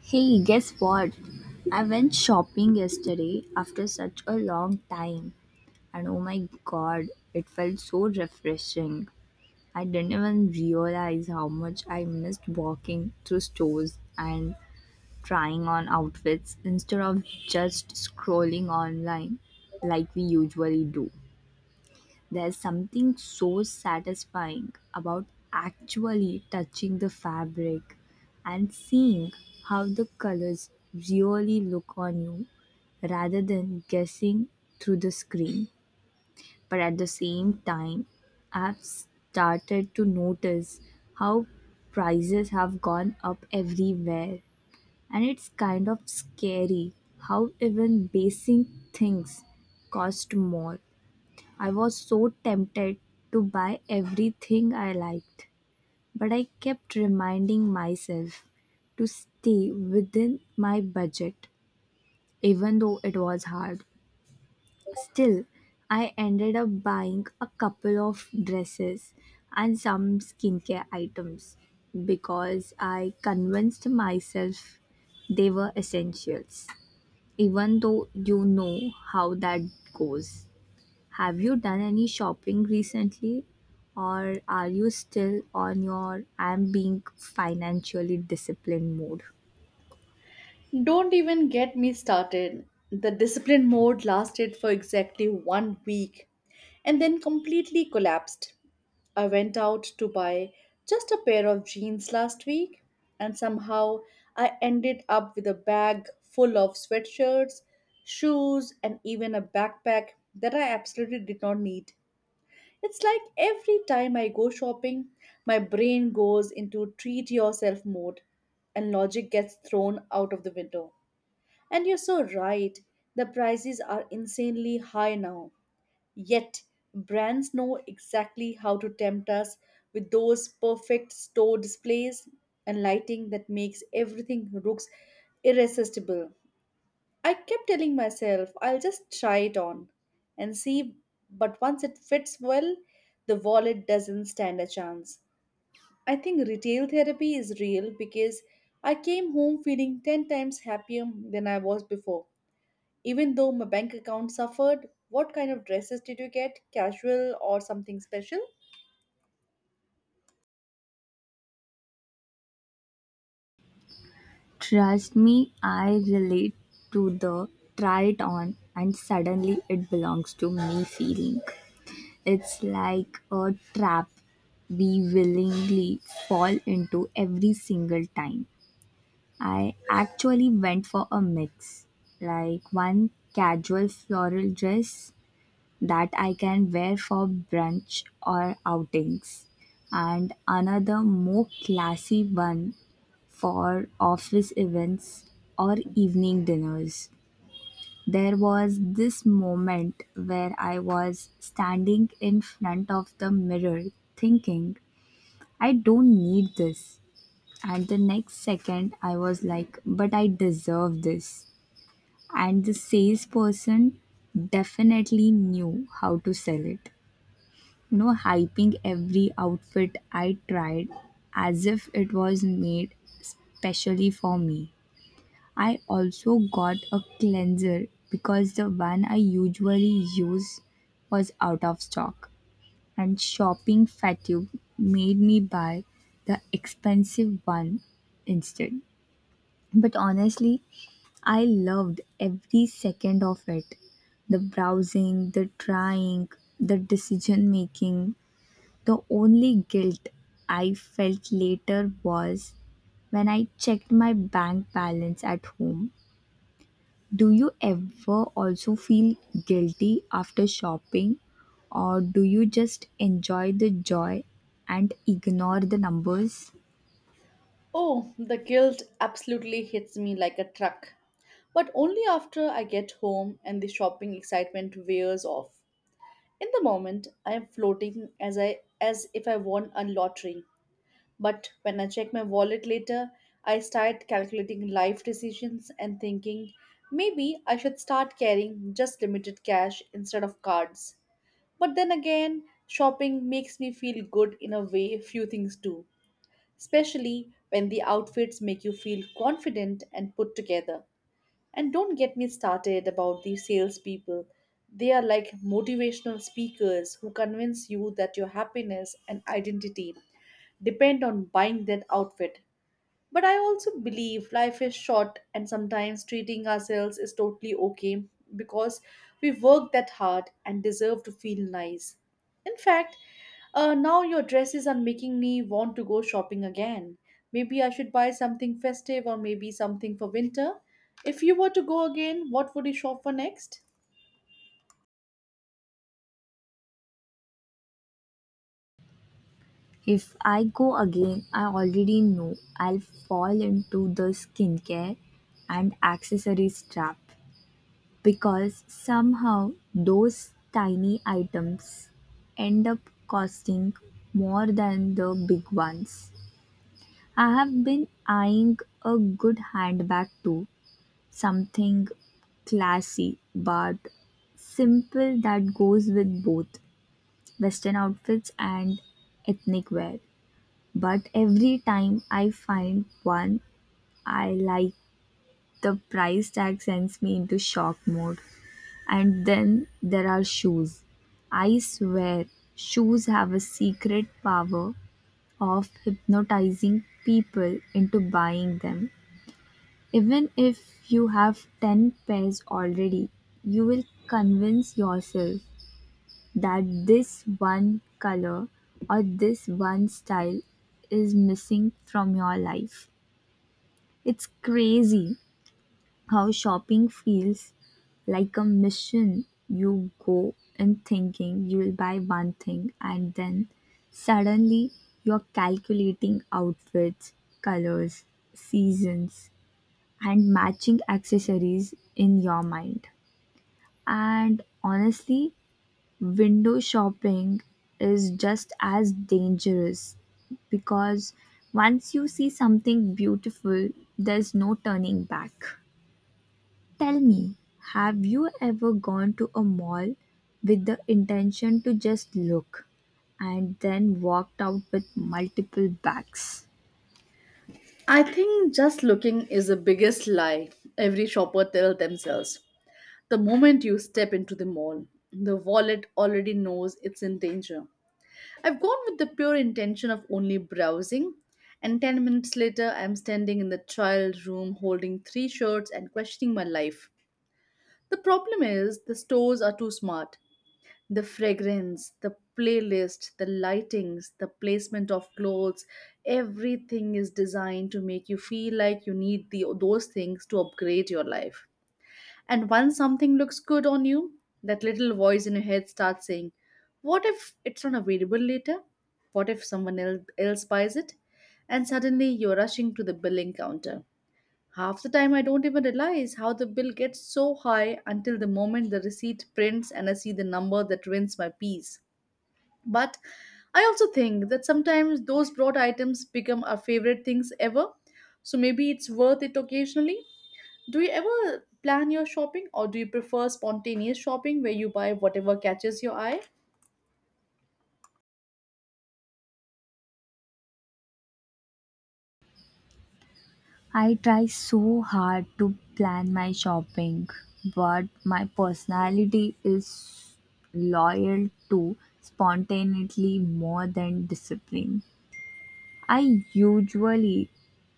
Hey, guess what? I went shopping yesterday after such a long time, and oh my god, it felt so refreshing. I didn't even realize how much I missed walking through stores and trying on outfits instead of just scrolling online like we usually do. There's something so satisfying about actually touching the fabric and seeing how the colors really look on you rather than guessing through the screen. But at the same time, I've started to notice how prices have gone up everywhere, and it's kind of scary how even basic things cost more. I was so tempted to buy everything I liked, but I kept reminding myself to stay within my budget, even though it was hard. Still, I ended up buying a couple of dresses and some skincare items because I convinced myself they were essentials, even though you know how that goes. Have you done any shopping recently, or are you still on your "I'm being financially disciplined" mode? Don't even get me started. The discipline mode lasted for exactly 1 week and then completely collapsed. I went out to buy just a pair of jeans last week and somehow I ended up with a bag full of sweatshirts, shoes, and even a backpack that I absolutely did not need. It's like every time I go shopping, my brain goes into treat yourself mode and logic gets thrown out of the window. And you're so right. The prices are insanely high now. Yet, brands know exactly how to tempt us with those perfect store displays and lighting that makes everything looks irresistible. I kept telling myself, I'll just try it on and see, but once it fits well, the wallet doesn't stand a chance. I think retail therapy is real because I came home feeling 10 times happier than I was before. Even though my bank account suffered, what kind of dresses did you get? Casual or something special? Trust me, I relate to the "try it on and suddenly it belongs to me" feeling. It's like a trap we willingly fall into every single time. I actually went for a mix, like one casual floral dress that I can wear for brunch or outings, and another more classy one for office events or evening dinners. There was this moment where I was standing in front of the mirror thinking, "I don't need this." And the next second, I was like, "But I deserve this." And the salesperson definitely knew how to sell it. No, hyping every outfit I tried as if it was made specially for me. I also got a cleanser because the one I usually use was out of stock, and shopping fatigue made me buy the expensive one instead. But honestly, I loved every second of it: the browsing, the trying, the decision making. The only guilt I felt later was when I checked my bank balance at home. Do you ever also feel guilty after shopping, or do you just enjoy the joy and ignore the numbers? Oh, the guilt absolutely hits me like a truck. But only after I get home and the shopping excitement wears off. In the moment, I am floating as if I won a lottery. But when I check my wallet later, I start calculating life decisions and thinking maybe I should start carrying just limited cash instead of cards. But then again, shopping makes me feel good in a way few things do, especially when the outfits make you feel confident and put together. And don't get me started about the salespeople. They are like motivational speakers who convince you that your happiness and identity depend on buying that outfit, but I also believe life is short and sometimes treating ourselves is totally okay because we work that hard and deserve to feel nice. In fact, now your dresses are making me want to go shopping again. Maybe I should buy something festive or maybe something for winter. If you were to go again, what would you shop for next? If I go again, I already know I'll fall into the skincare and accessories trap. Because somehow those tiny items end up costing more than the big ones. I have been eyeing a good handbag too, something classy but simple that goes with both western outfits and ethnic wear. But every time I find one, I the price tag sends me into shock mode. And then there are shoes. I swear, shoes have a secret power of hypnotizing people into buying them. Even if you have 10 pairs already, you will convince yourself that this one color or this one style is missing from your life. It's crazy how shopping feels like a mission. You go in thinking you'll buy one thing, and then suddenly you're calculating outfits, colors, seasons, and matching accessories in your mind. And honestly, window shopping is just as dangerous because once you see something beautiful, there's no turning back. Tell me, have you ever gone to a mall with the intention to just look and then walked out with multiple bags? I think just looking is the biggest lie every shopper tells themselves. The moment you step into the mall, the wallet already knows it's in danger. I've gone with the pure intention of only browsing, and 10 minutes later, I'm standing in the trial room holding three shirts and questioning my life. The problem is the stores are too smart. The fragrance, the playlist, the lightings, the placement of clothes, everything is designed to make you feel like you need those things to upgrade your life. And once something looks good on you, that little voice in your head starts saying, what if it's not available later? What if else buys it? And suddenly you're rushing to the billing counter. Half the time, I don't even realize how the bill gets so high until the moment the receipt prints and I see the number that rents my peace. But I also think that sometimes those brought items become our favorite things ever. So maybe it's worth it occasionally. Do you ever plan your shopping or do you prefer spontaneous shopping where you buy whatever catches your eye? I try so hard to plan my shopping, but my personality is loyal to spontaneity more than discipline. I usually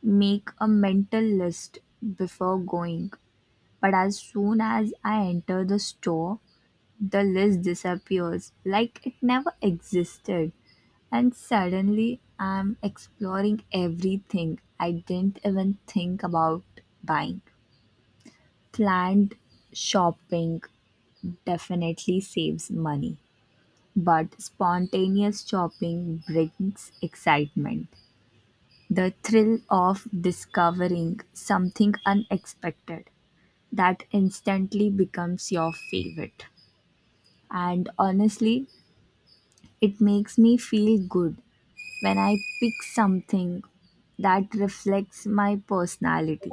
make a mental list before going, but as soon as I enter the store, the list disappears like it never existed, and suddenly I'm exploring everything I didn't even think about buying. Planned shopping definitely saves money, but spontaneous shopping brings excitement. The thrill of discovering something unexpected that instantly becomes your favorite. And honestly, it makes me feel good when I pick something that reflects my personality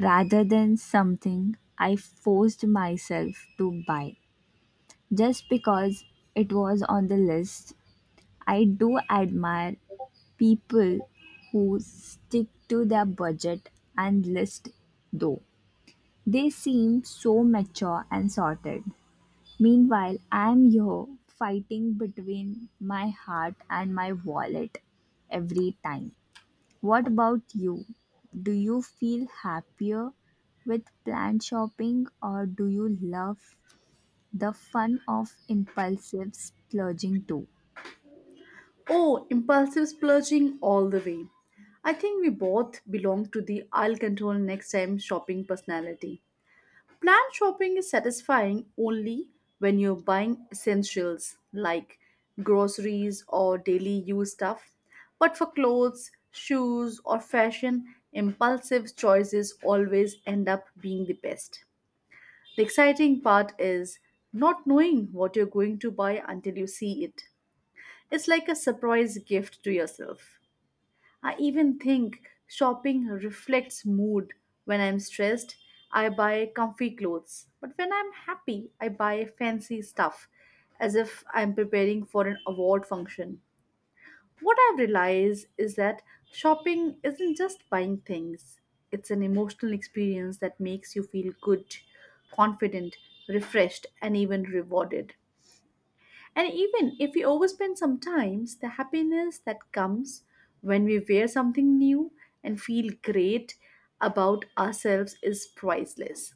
rather than something I forced myself to buy just because it was on the list. I do admire people who stick to their budget and list though. They seem so mature and sorted. Meanwhile, I am here fighting between my heart and my wallet every time. What about you? Do you feel happier with planned shopping, or do you love the fun of impulsive splurging too? Oh, impulsive splurging all the way. I think we both belong to the I'll control next time shopping personality. Planned shopping is satisfying only when you're buying essentials like groceries or daily use stuff. But for clothes, shoes, or fashion, impulsive choices always end up being the best. The exciting part is not knowing what you're going to buy until you see it. It's like a surprise gift to yourself. I even think shopping reflects mood. When I'm stressed, I buy comfy clothes. But when I'm happy, I buy fancy stuff, as if I'm preparing for an award function. What I've realized is that shopping isn't just buying things, it's an emotional experience that makes you feel good, confident, refreshed, and even rewarded. And even if we overspend sometimes, the happiness that comes when we wear something new and feel great about ourselves is priceless.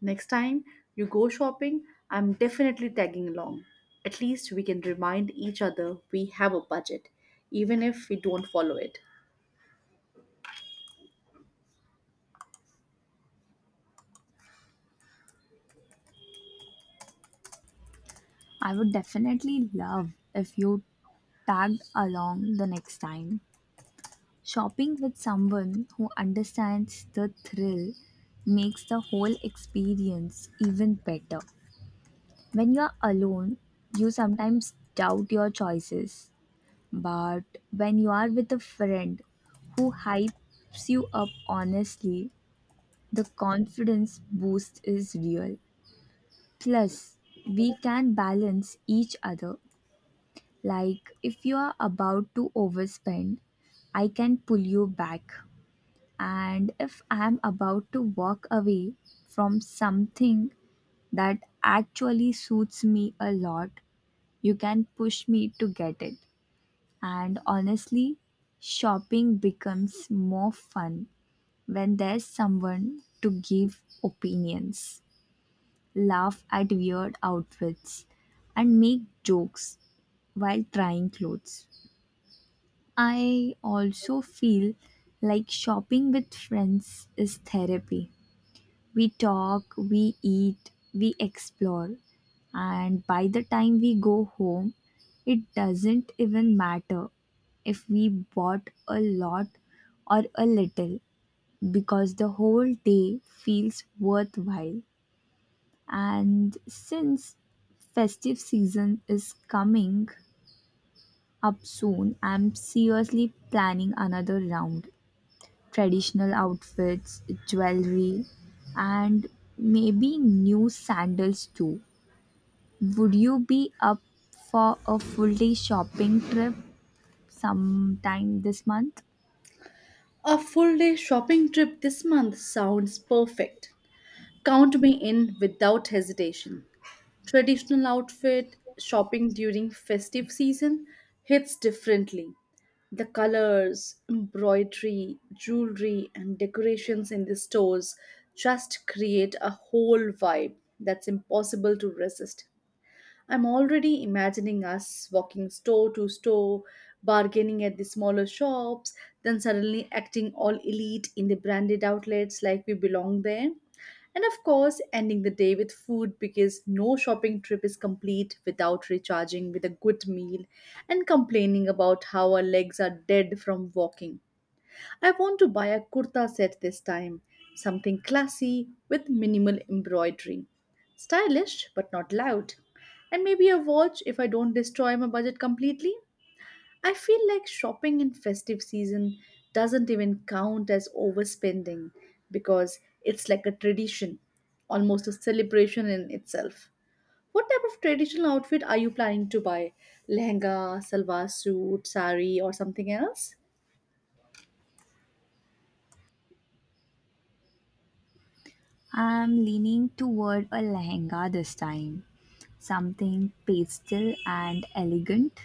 Next time you go shopping, I'm definitely tagging along. At least we can remind each other we have a budget, even if we don't follow it. I would definitely love if you tagged along the next time. Shopping with someone who understands the thrill makes the whole experience even better. When you're alone, you sometimes doubt your choices, but when you are with a friend who hypes you up honestly, the confidence boost is real. Plus, we can balance each other. Like, if you are about to overspend, I can pull you back. And if I am about to walk away from something that actually suits me a lot, you can push me to get it. And honestly, shopping becomes more fun when there's someone to give opinions, laugh at weird outfits, and make jokes while trying clothes. I also feel like shopping with friends is therapy. We talk, we eat, we explore, and by the time we go home, it doesn't even matter if we bought a lot or a little because the whole day feels worthwhile. And since festive season is coming up soon, I'm seriously planning another round: traditional outfits, jewelry, and maybe new sandals too. Would you be up for a full day shopping trip sometime this month? A full day shopping trip this month sounds perfect. Count me in without hesitation. Traditional outfit shopping during festive season hits differently. The colors, embroidery, jewelry, and decorations in the stores just create a whole vibe that's impossible to resist. I'm already imagining us walking store to store, bargaining at the smaller shops, then suddenly acting all elite in the branded outlets like we belong there. And of course, ending the day with food because no shopping trip is complete without recharging with a good meal and complaining about how our legs are dead from walking. I want to buy a kurta set this time, something classy with minimal embroidery, stylish but not loud, and maybe a watch if I don't destroy my budget completely. I feel like shopping in festive season doesn't even count as overspending because it's like a tradition, almost a celebration in itself. What type of traditional outfit are you planning to buy? Lehenga, salwar suit, sari, or something else? I'm leaning toward a lehenga this time, something pastel and elegant,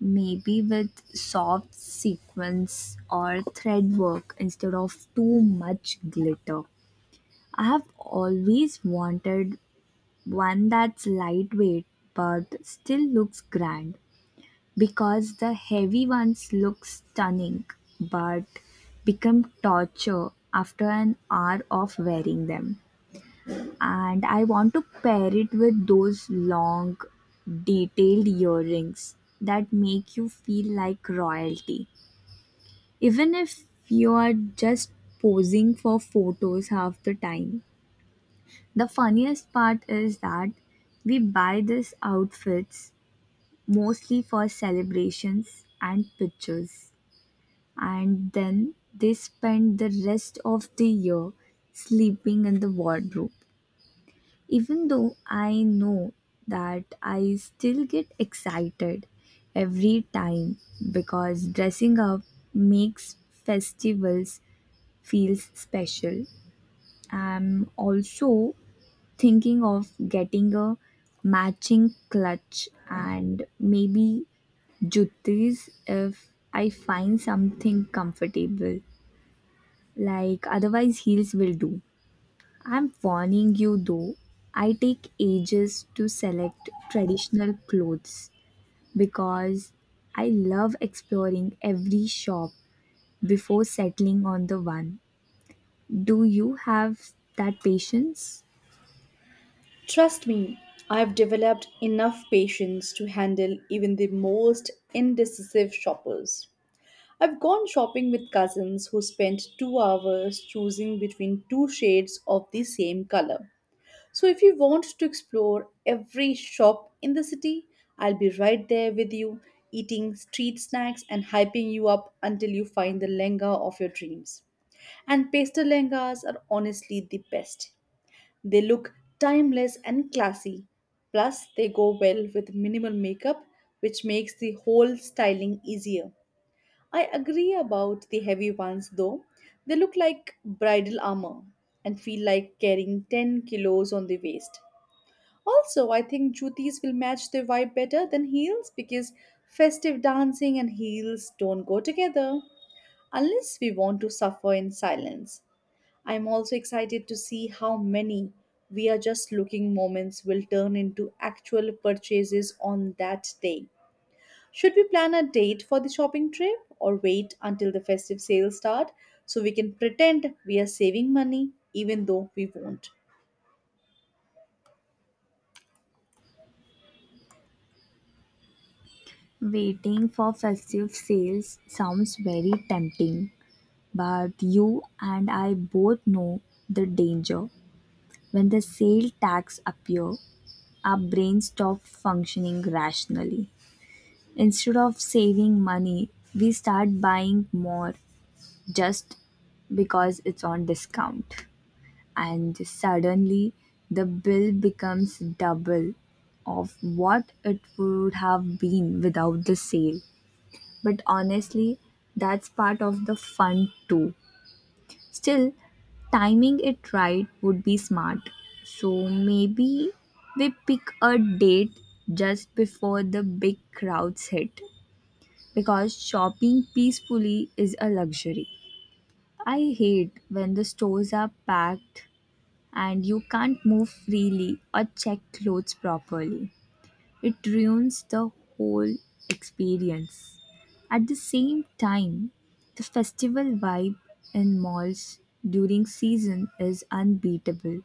maybe with soft sequins or thread work instead of too much glitter. I have always wanted one that's lightweight but still looks grand, because the heavy ones look stunning but become torture after an hour of wearing them. And I want to pair it with those long, detailed earrings that make you feel like royalty, even if you are just posing for photos half the time. The funniest part is that we buy these outfits mostly for celebrations and pictures. And then they spend the rest of the year sleeping in the wardrobe. Even though I know that, I still get excited every time because dressing up makes festivals feel special. I'm also thinking of getting a matching clutch and maybe juttis if I find something comfortable. Like otherwise heels will do. I'm warning you though, I take ages to select traditional clothes because I love exploring every shop before settling on the one. Do you have that patience? Trust me, I've developed enough patience to handle even the most indecisive shoppers. I've gone shopping with cousins who spent 2 hours choosing between two shades of the same color. So, if you want to explore every shop in the city, I'll be right there with you, eating street snacks and hyping you up until you find the lenga of your dreams. And pastel lengas are honestly the best. They look timeless and classy. Plus, they go well with minimal makeup, which makes the whole styling easier. I agree about the heavy ones though. They look like bridal armor and feel like carrying 10 kilos on the waist. Also, I think jutis will match their vibe better than heels because festive dancing and heels don't go together unless we want to suffer in silence. I'm also excited to see how many we are just looking moments will turn into actual purchases on that day. Should we plan a date for the shopping trip or wait until the festive sales start so we can pretend we are saving money even though we won't? Waiting for festive sales sounds very tempting, but you and I both know the danger. When the sale tax appear, our brain stopped functioning rationally. Instead of saving money, we start buying more just because it's on discount. And suddenly, the bill becomes double of what it would have been without the sale. But honestly, that's part of the fun too. Still, timing it right would be smart. So maybe we pick a date just before the big crowds hit, because shopping peacefully is a luxury. I hate when the stores are packed and you can't move freely or check clothes properly. It ruins the whole experience. At the same time, the festival vibe in malls during season is unbeatable.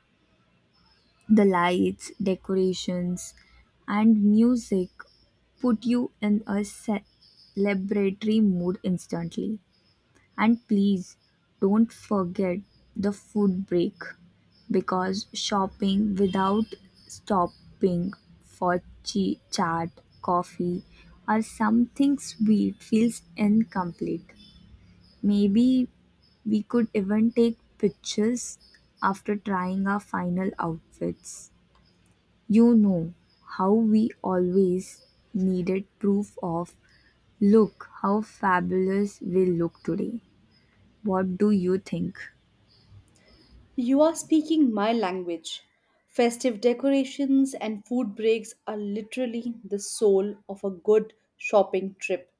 The lights, decorations, and music put you in a celebratory mood instantly. And please don't forget the food break because shopping without stopping for chat, coffee, or something sweet feels incomplete. Maybe we could even take pictures after trying our final outfits. You know how we always needed proof of "look how fabulous we look today." What do you think? You are speaking my language. Festive decorations and food breaks are literally the soul of a good shopping trip.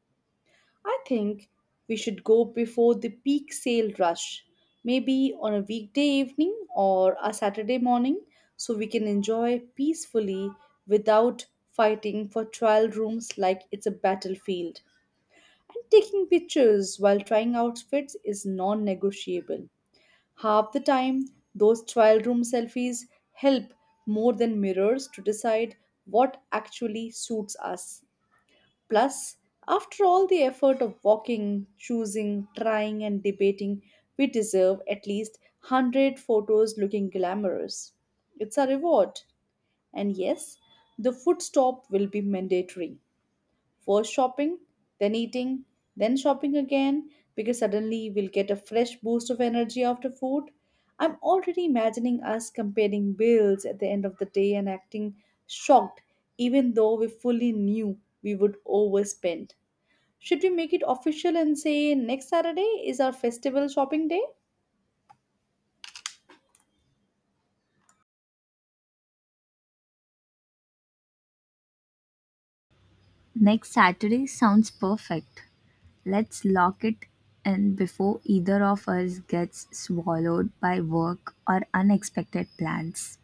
I think we should go before the peak sale rush, maybe on a weekday evening or a Saturday morning, so we can enjoy peacefully without fighting for trial rooms like it's a battlefield. And taking pictures while trying outfits is non negotiable. Half the time, those trial room selfies help more than mirrors to decide what actually suits us. Plus, after all the effort of walking, choosing, trying, and debating, we deserve at least 100 photos looking glamorous. It's a reward. And yes, the food stop will be mandatory. First shopping, then eating, then shopping again, because suddenly we'll get a fresh boost of energy after food. I'm already imagining us comparing bills at the end of the day and acting shocked, even though we fully knew we would overspend. Should we make it official and say next Saturday is our festival shopping day? Next Saturday sounds perfect. Let's lock it in before either of us gets swallowed by work or unexpected plans.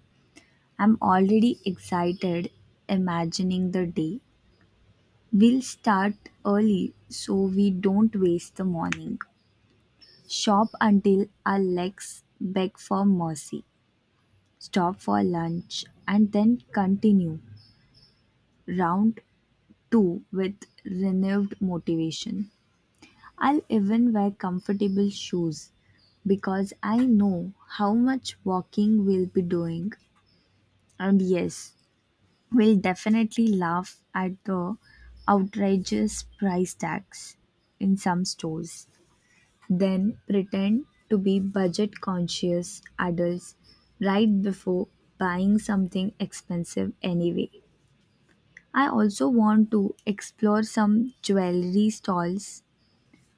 I'm already excited imagining the day. We'll start early so we don't waste the morning. Shop until our legs beg for mercy. Stop for lunch and then continue round 2 with renewed motivation. I'll even wear comfortable shoes because I know how much walking we'll be doing. And yes, we'll definitely laugh at the outrageous price tags in some stores. Then pretend to be budget conscious adults right before buying something expensive anyway. I also want to explore some jewelry stalls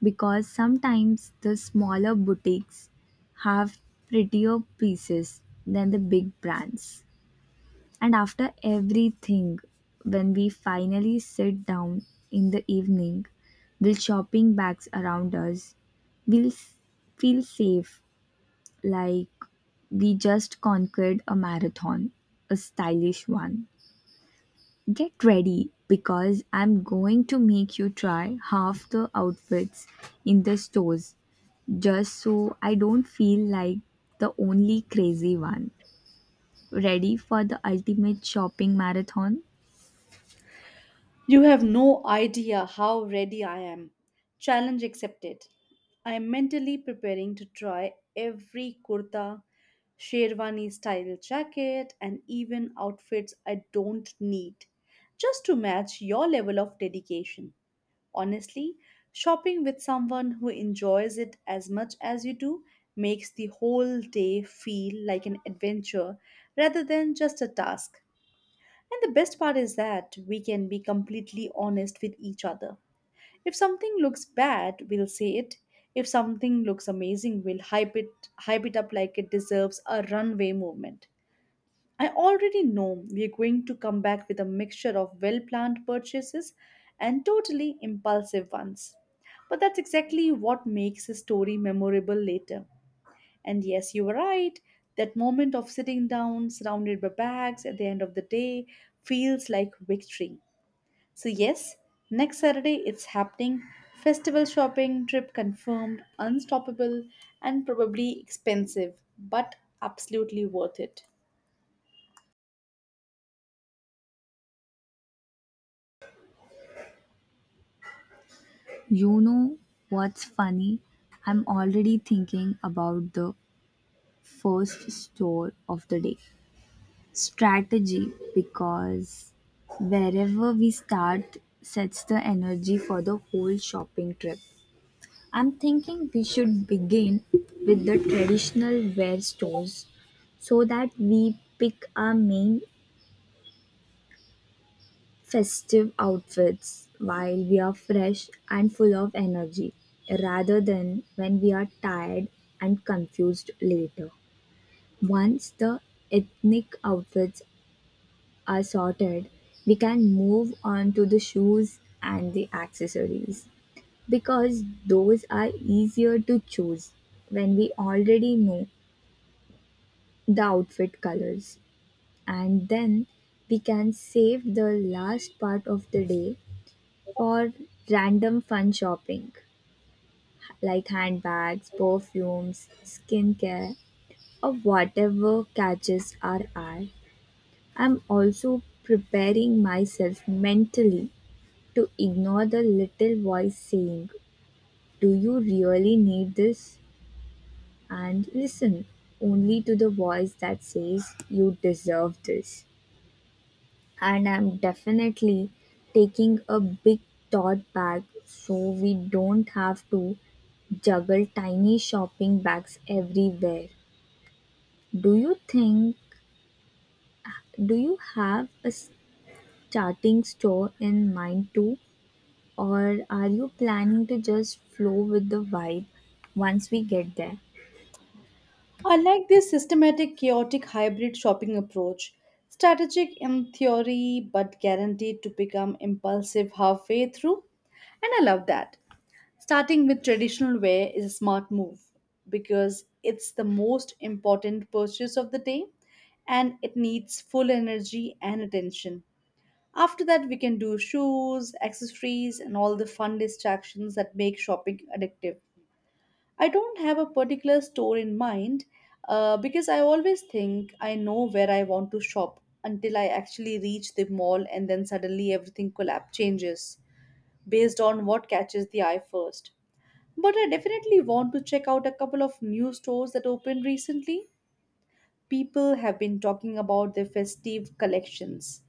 because sometimes the smaller boutiques have prettier pieces than the big brands. And after everything, when we finally sit down in the evening with shopping bags around us, we'll feel safe, like we just conquered a marathon, a stylish one. Get ready because I'm going to make you try half the outfits in the stores just so I don't feel like the only crazy one. Ready for the ultimate shopping marathon? You have no idea how ready I am. Challenge accepted. I am mentally preparing to try every kurta, sherwani style jacket, and even outfits I don't need just to match your level of dedication. Honestly, shopping with someone who enjoys it as much as you do makes the whole day feel like an adventure rather than just a task. And the best part is that we can be completely honest with each other. If something looks bad, we'll say it. If something looks amazing, we'll hype it up like it deserves a runway movement. I already know we're going to come back with a mixture of well-planned purchases and totally impulsive ones. But that's exactly what makes a story memorable later. And yes, you were right. That moment of sitting down, surrounded by bags at the end of the day, feels like victory. So, yes, next Saturday it's happening. Festival shopping trip confirmed, unstoppable, and probably expensive, but absolutely worth it. You know what's funny? I'm already thinking about the first store of the day strategy, because wherever we start sets the energy for the whole shopping trip. I'm thinking we should begin with the traditional wear stores so that we pick our main festive outfits while we are fresh and full of energy rather than when we are tired and confused later. Once the ethnic outfits are sorted, we can move on to the shoes and the accessories because those are easier to choose when we already know the outfit colors, and then we can save the last part of the day for random fun shopping like handbags, perfumes, skincare, or whatever catches our eye. I'm also preparing myself mentally to ignore the little voice saying, "Do you really need this?" and listen only to the voice that says, "You deserve this." And I'm definitely taking a big tote bag, so we don't have to juggle tiny shopping bags everywhere. Do you think, do you have a starting store in mind too? Or are you planning to just flow with the vibe once we get there? I like this systematic, chaotic, hybrid shopping approach. Strategic in theory, but guaranteed to become impulsive halfway through. And I love that. Starting with traditional wear is a smart move because it's the most important purchase of the day and it needs full energy and attention. After that, we can do shoes, accessories, and all the fun distractions that make shopping addictive. I don't have a particular store in mind because I always think I know where I want to shop until I actually reach the mall and then suddenly everything collapse changes based on what catches the eye first. But I definitely want to check out a couple of new stores that opened recently. People have been talking about their festive collections.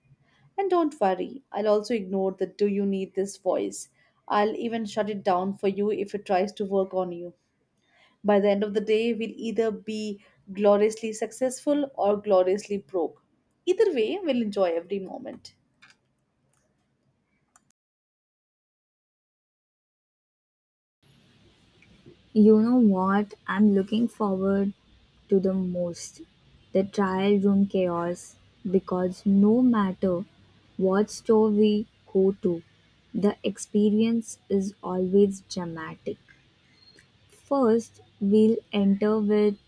And don't worry, I'll also ignore the do you need this voice. I'll even shut it down for you if it tries to work on you. By the end of the day, we'll either be gloriously successful or gloriously broke. Either way, we'll enjoy every moment. You know what I'm looking forward to the most? The trial room chaos. Because no matter what store we go to, the experience is always dramatic. First, we'll enter with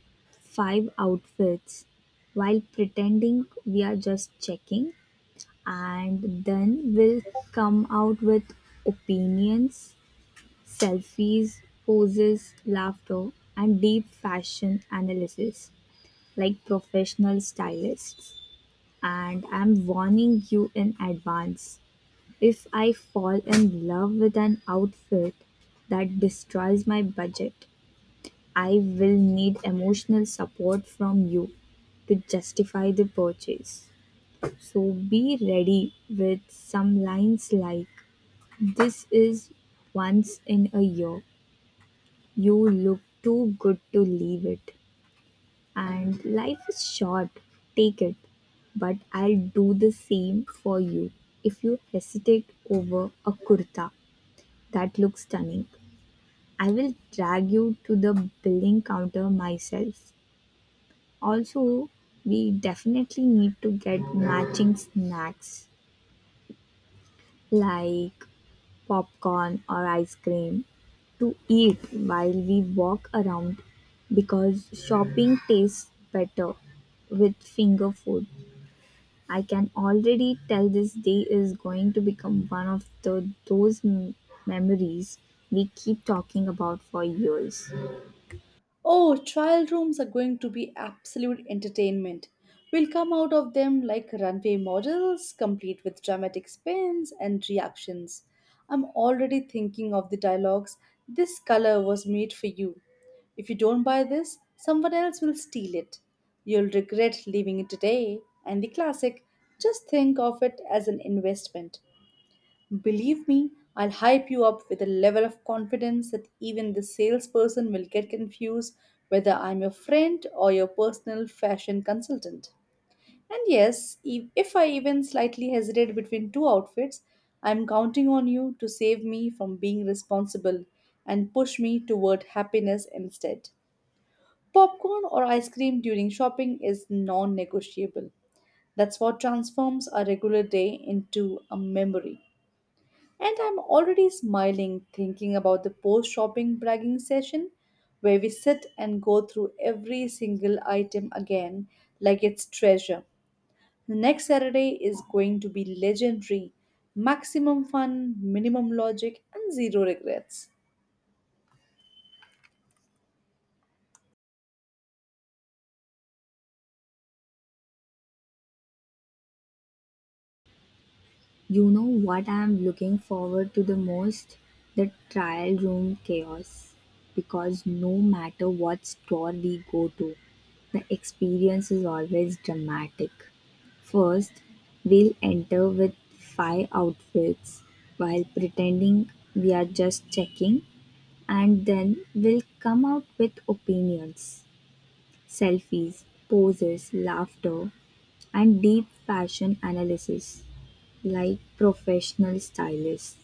five outfits while pretending we are just checking, and then we'll come out with opinions, selfies, poses, laughter, and deep fashion analysis like professional stylists. And I'm warning you in advance, if I fall in love with an outfit that destroys my budget, I will need emotional support from you to justify the purchase. So be ready with some lines like, "This is once in a year. You look too good to leave it. And life is short. Take it." But I'll do the same for you. If you hesitate over a kurta that looks stunning, I will drag you to the billing counter myself. Also, we definitely need to get matching snacks like popcorn or ice cream to eat while we walk around because shopping tastes better with finger food. I can already tell this day is going to become one of the those m- memories we keep talking about for years. Oh, trial rooms are going to be absolute entertainment. We'll come out of them like runway models, complete with dramatic spins and reactions. I'm already thinking of the dialogues. This color was made for you. If you don't buy this, someone else will steal it. You'll regret leaving it today. And the classic, just think of it as an investment. Believe me, I'll hype you up with a level of confidence that even the salesperson will get confused whether I'm your friend or your personal fashion consultant. And yes, if I even slightly hesitate between two outfits, I'm counting on you to save me from being responsible and push me toward happiness instead. Popcorn or ice cream during shopping is non negotiable. That's what transforms a regular day into a memory. And I'm already smiling thinking about the post shopping bragging session where we sit and go through every single item again like it's treasure. The next Saturday is going to be legendary. Maximum fun, minimum logic, and zero regrets. You know what I'm looking forward to the most? The trial room chaos. Because no matter what store we go to, the experience is always dramatic. First, we'll enter with five outfits while pretending we are just checking, and then we'll come out with opinions, selfies, poses, laughter, and deep fashion analysis like professional stylist,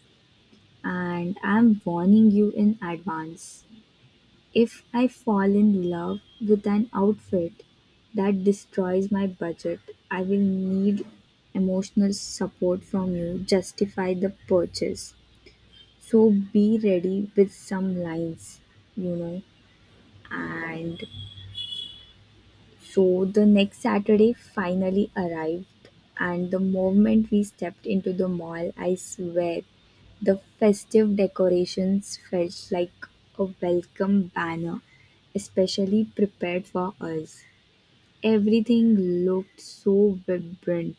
and I'm warning you in advance. If I fall in love with an outfit that destroys my budget, I will need emotional support from you, justify the purchase. So be ready with some lines, you know, and so the next Saturday finally arrived, and the moment we stepped into the mall, I swear the festive decorations felt like a welcome banner, especially prepared for us. Everything looked so vibrant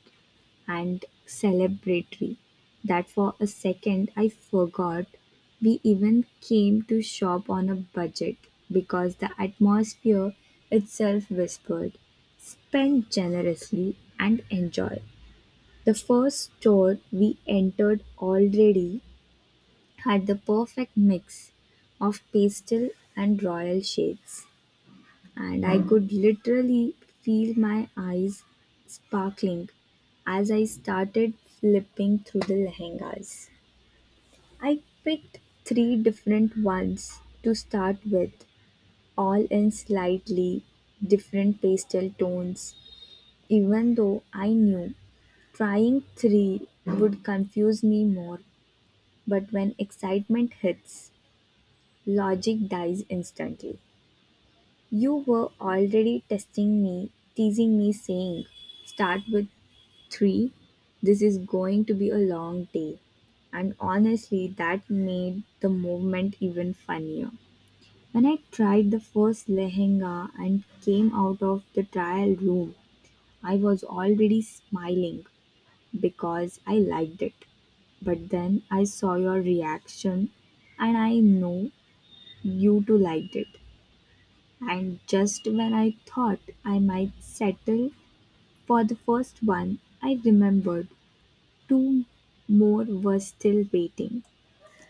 and celebratory that for a second I forgot we even came to shop on a budget because the atmosphere itself whispered, spend generously and enjoy. The first store we entered already had the perfect mix of pastel and royal shades, and I could literally feel my eyes sparkling as I started flipping through the lehengas. I picked three different ones to start with, all in slightly different pastel tones, even though I knew trying three would confuse me more. But when excitement hits, logic dies instantly. You were already testing me, teasing me, saying, "Start with three, this is going to be a long day." And honestly, that made the movement even funnier. When I tried the first lehenga and came out of the trial room, I was already smiling because I liked it. But then I saw your reaction, and I know you too liked it. And just when I thought I might settle for the first one, I remembered two more were still waiting.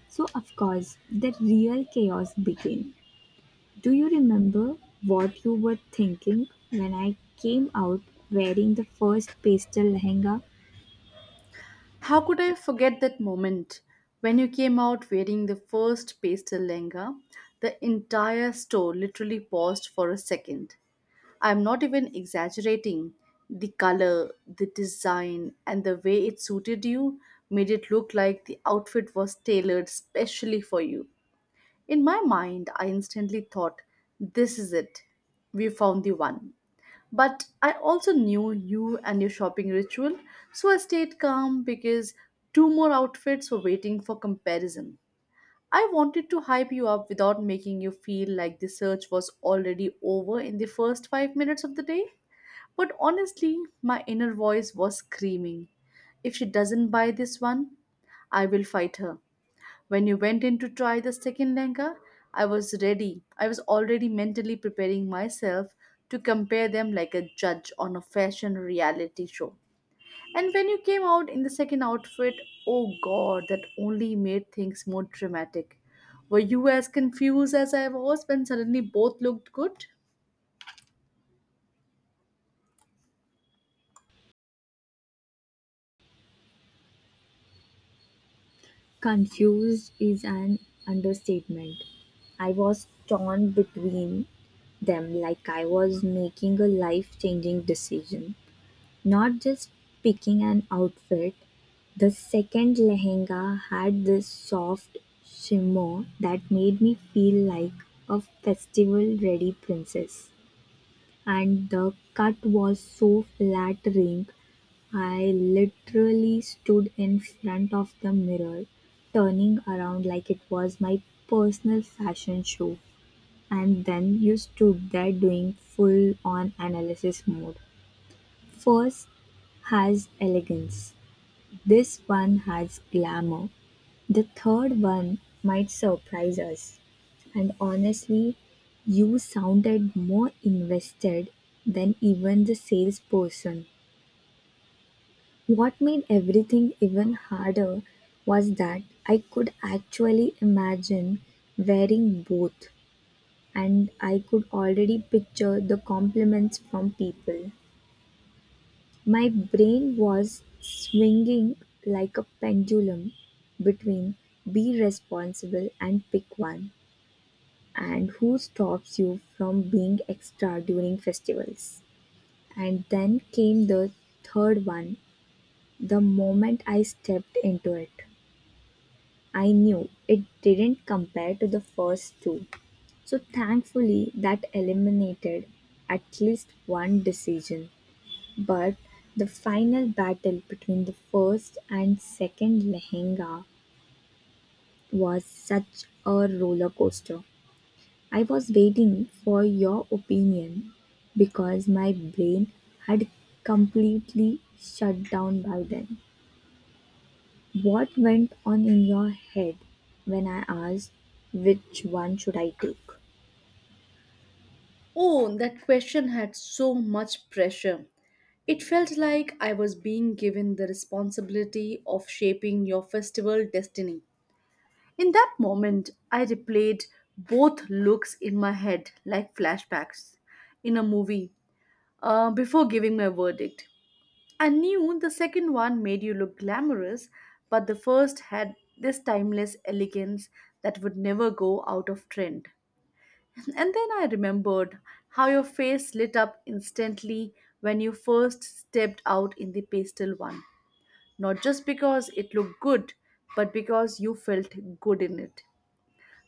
So, of course, the real chaos began. Do you remember what you were thinking when I came out wearing the first pastel lehenga? How could I forget that moment when you came out wearing the first pastel lehenga? The entire store literally paused for a second. I'm not even exaggerating. The color, the design, and the way it suited you made it look like the outfit was tailored specially for you. In my mind, I instantly thought, this is it. We found the one. But I also knew you and your shopping ritual, so I stayed calm because two more outfits were waiting for comparison. I wanted to hype you up without making you feel like the search was already over in the first 5 minutes of the day. But honestly, my inner voice was screaming. If she doesn't buy this one, I will fight her. When you went in to try the second Lenka, I was ready. I was already mentally preparing myself to compare them like a judge on a fashion reality show. And when you came out in the second outfit, oh god, that only made things more dramatic. Were you as confused as I was when suddenly both looked good? Confused is an understatement. I was torn between them like I was making a life changing decision. Not just picking an outfit, the second lehenga had this soft shimmer that made me feel like a festival ready princess. And the cut was so flattering, I literally stood in front of the mirror, turning around like it was my personal fashion show. And then you stood there doing full on analysis mode. "First has elegance, this one has glamour, the third one might surprise us." And honestly, you sounded more invested than even the salesperson. What made everything even harder was that I could actually imagine wearing both, and I could already picture the compliments from people. My brain was swinging like a pendulum between, "Be responsible and pick one," and, "Who stops you from being extra during festivals?" And then came the third one. The moment I stepped into it, I knew it didn't compare to the first two. So thankfully, that eliminated at least one decision. But the final battle between the first and second lehenga was such a roller coaster. I was waiting for your opinion because my brain had completely shut down by then. What went on in your head when I asked which one should I take? Oh, that question had so much pressure. It felt like I was being given the responsibility of shaping your festival destiny. In that moment, I replayed both looks in my head like flashbacks in a movie before giving my verdict. I knew the second one made you look glamorous, but the first had this timeless elegance that would never go out of trend. And then I remembered how your face lit up instantly when you first stepped out in the pastel one, not just because it looked good, but because you felt good in it.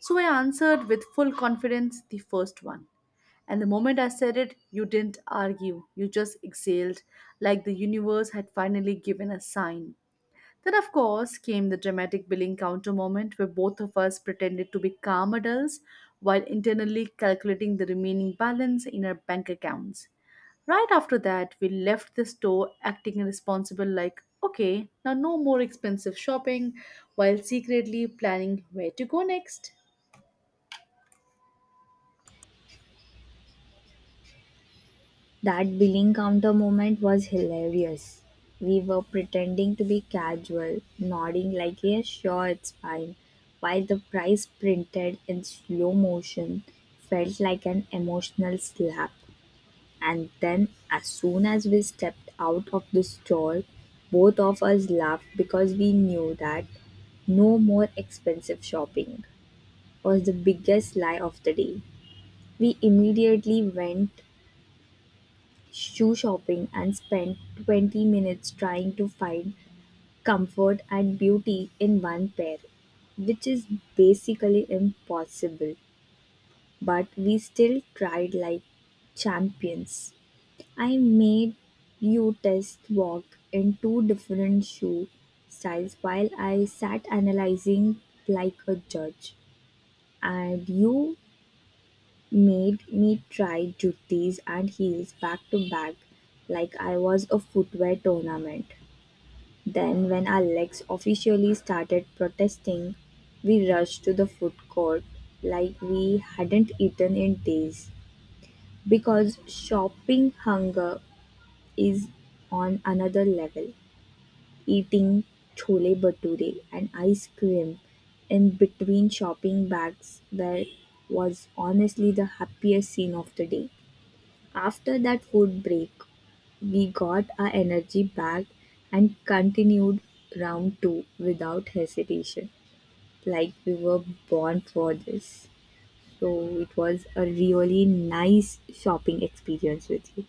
So I answered with full confidence the first one. And the moment I said it, you didn't argue. You just exhaled, like the universe had finally given a sign. Then, of course, came the dramatic billing counter moment where both of us pretended to be calm adults while internally calculating the remaining balance in our bank accounts. Right after that, we left the store acting responsible, like, okay, now no more expensive shopping, while secretly planning where to go next. That billing counter moment was hilarious. We were pretending to be casual, nodding like, "Yeah, sure, it's fine," while the price printed in slow motion felt like an emotional slap. And then, as soon as we stepped out of the stall, both of us laughed because we knew that "no more expensive shopping" was the biggest lie of the day. We immediately went shoe shopping and spent 20 minutes trying to find comfort and beauty in one pair, which is basically impossible. But we still tried like champions. I made you test walk in two different shoe styles while I sat analyzing like a judge, and you made me try juttis and heels back to back like I was a footwear tournament. Then, when our legs officially started protesting, we rushed to the food court like we hadn't eaten in days because shopping hunger is on another level. Eating chole bhature and ice cream in between shopping bags there was honestly the happiest scene of the day. After that food break, we got our energy back and continued round two without hesitation, like we were born for this. So it was a really nice shopping experience with you.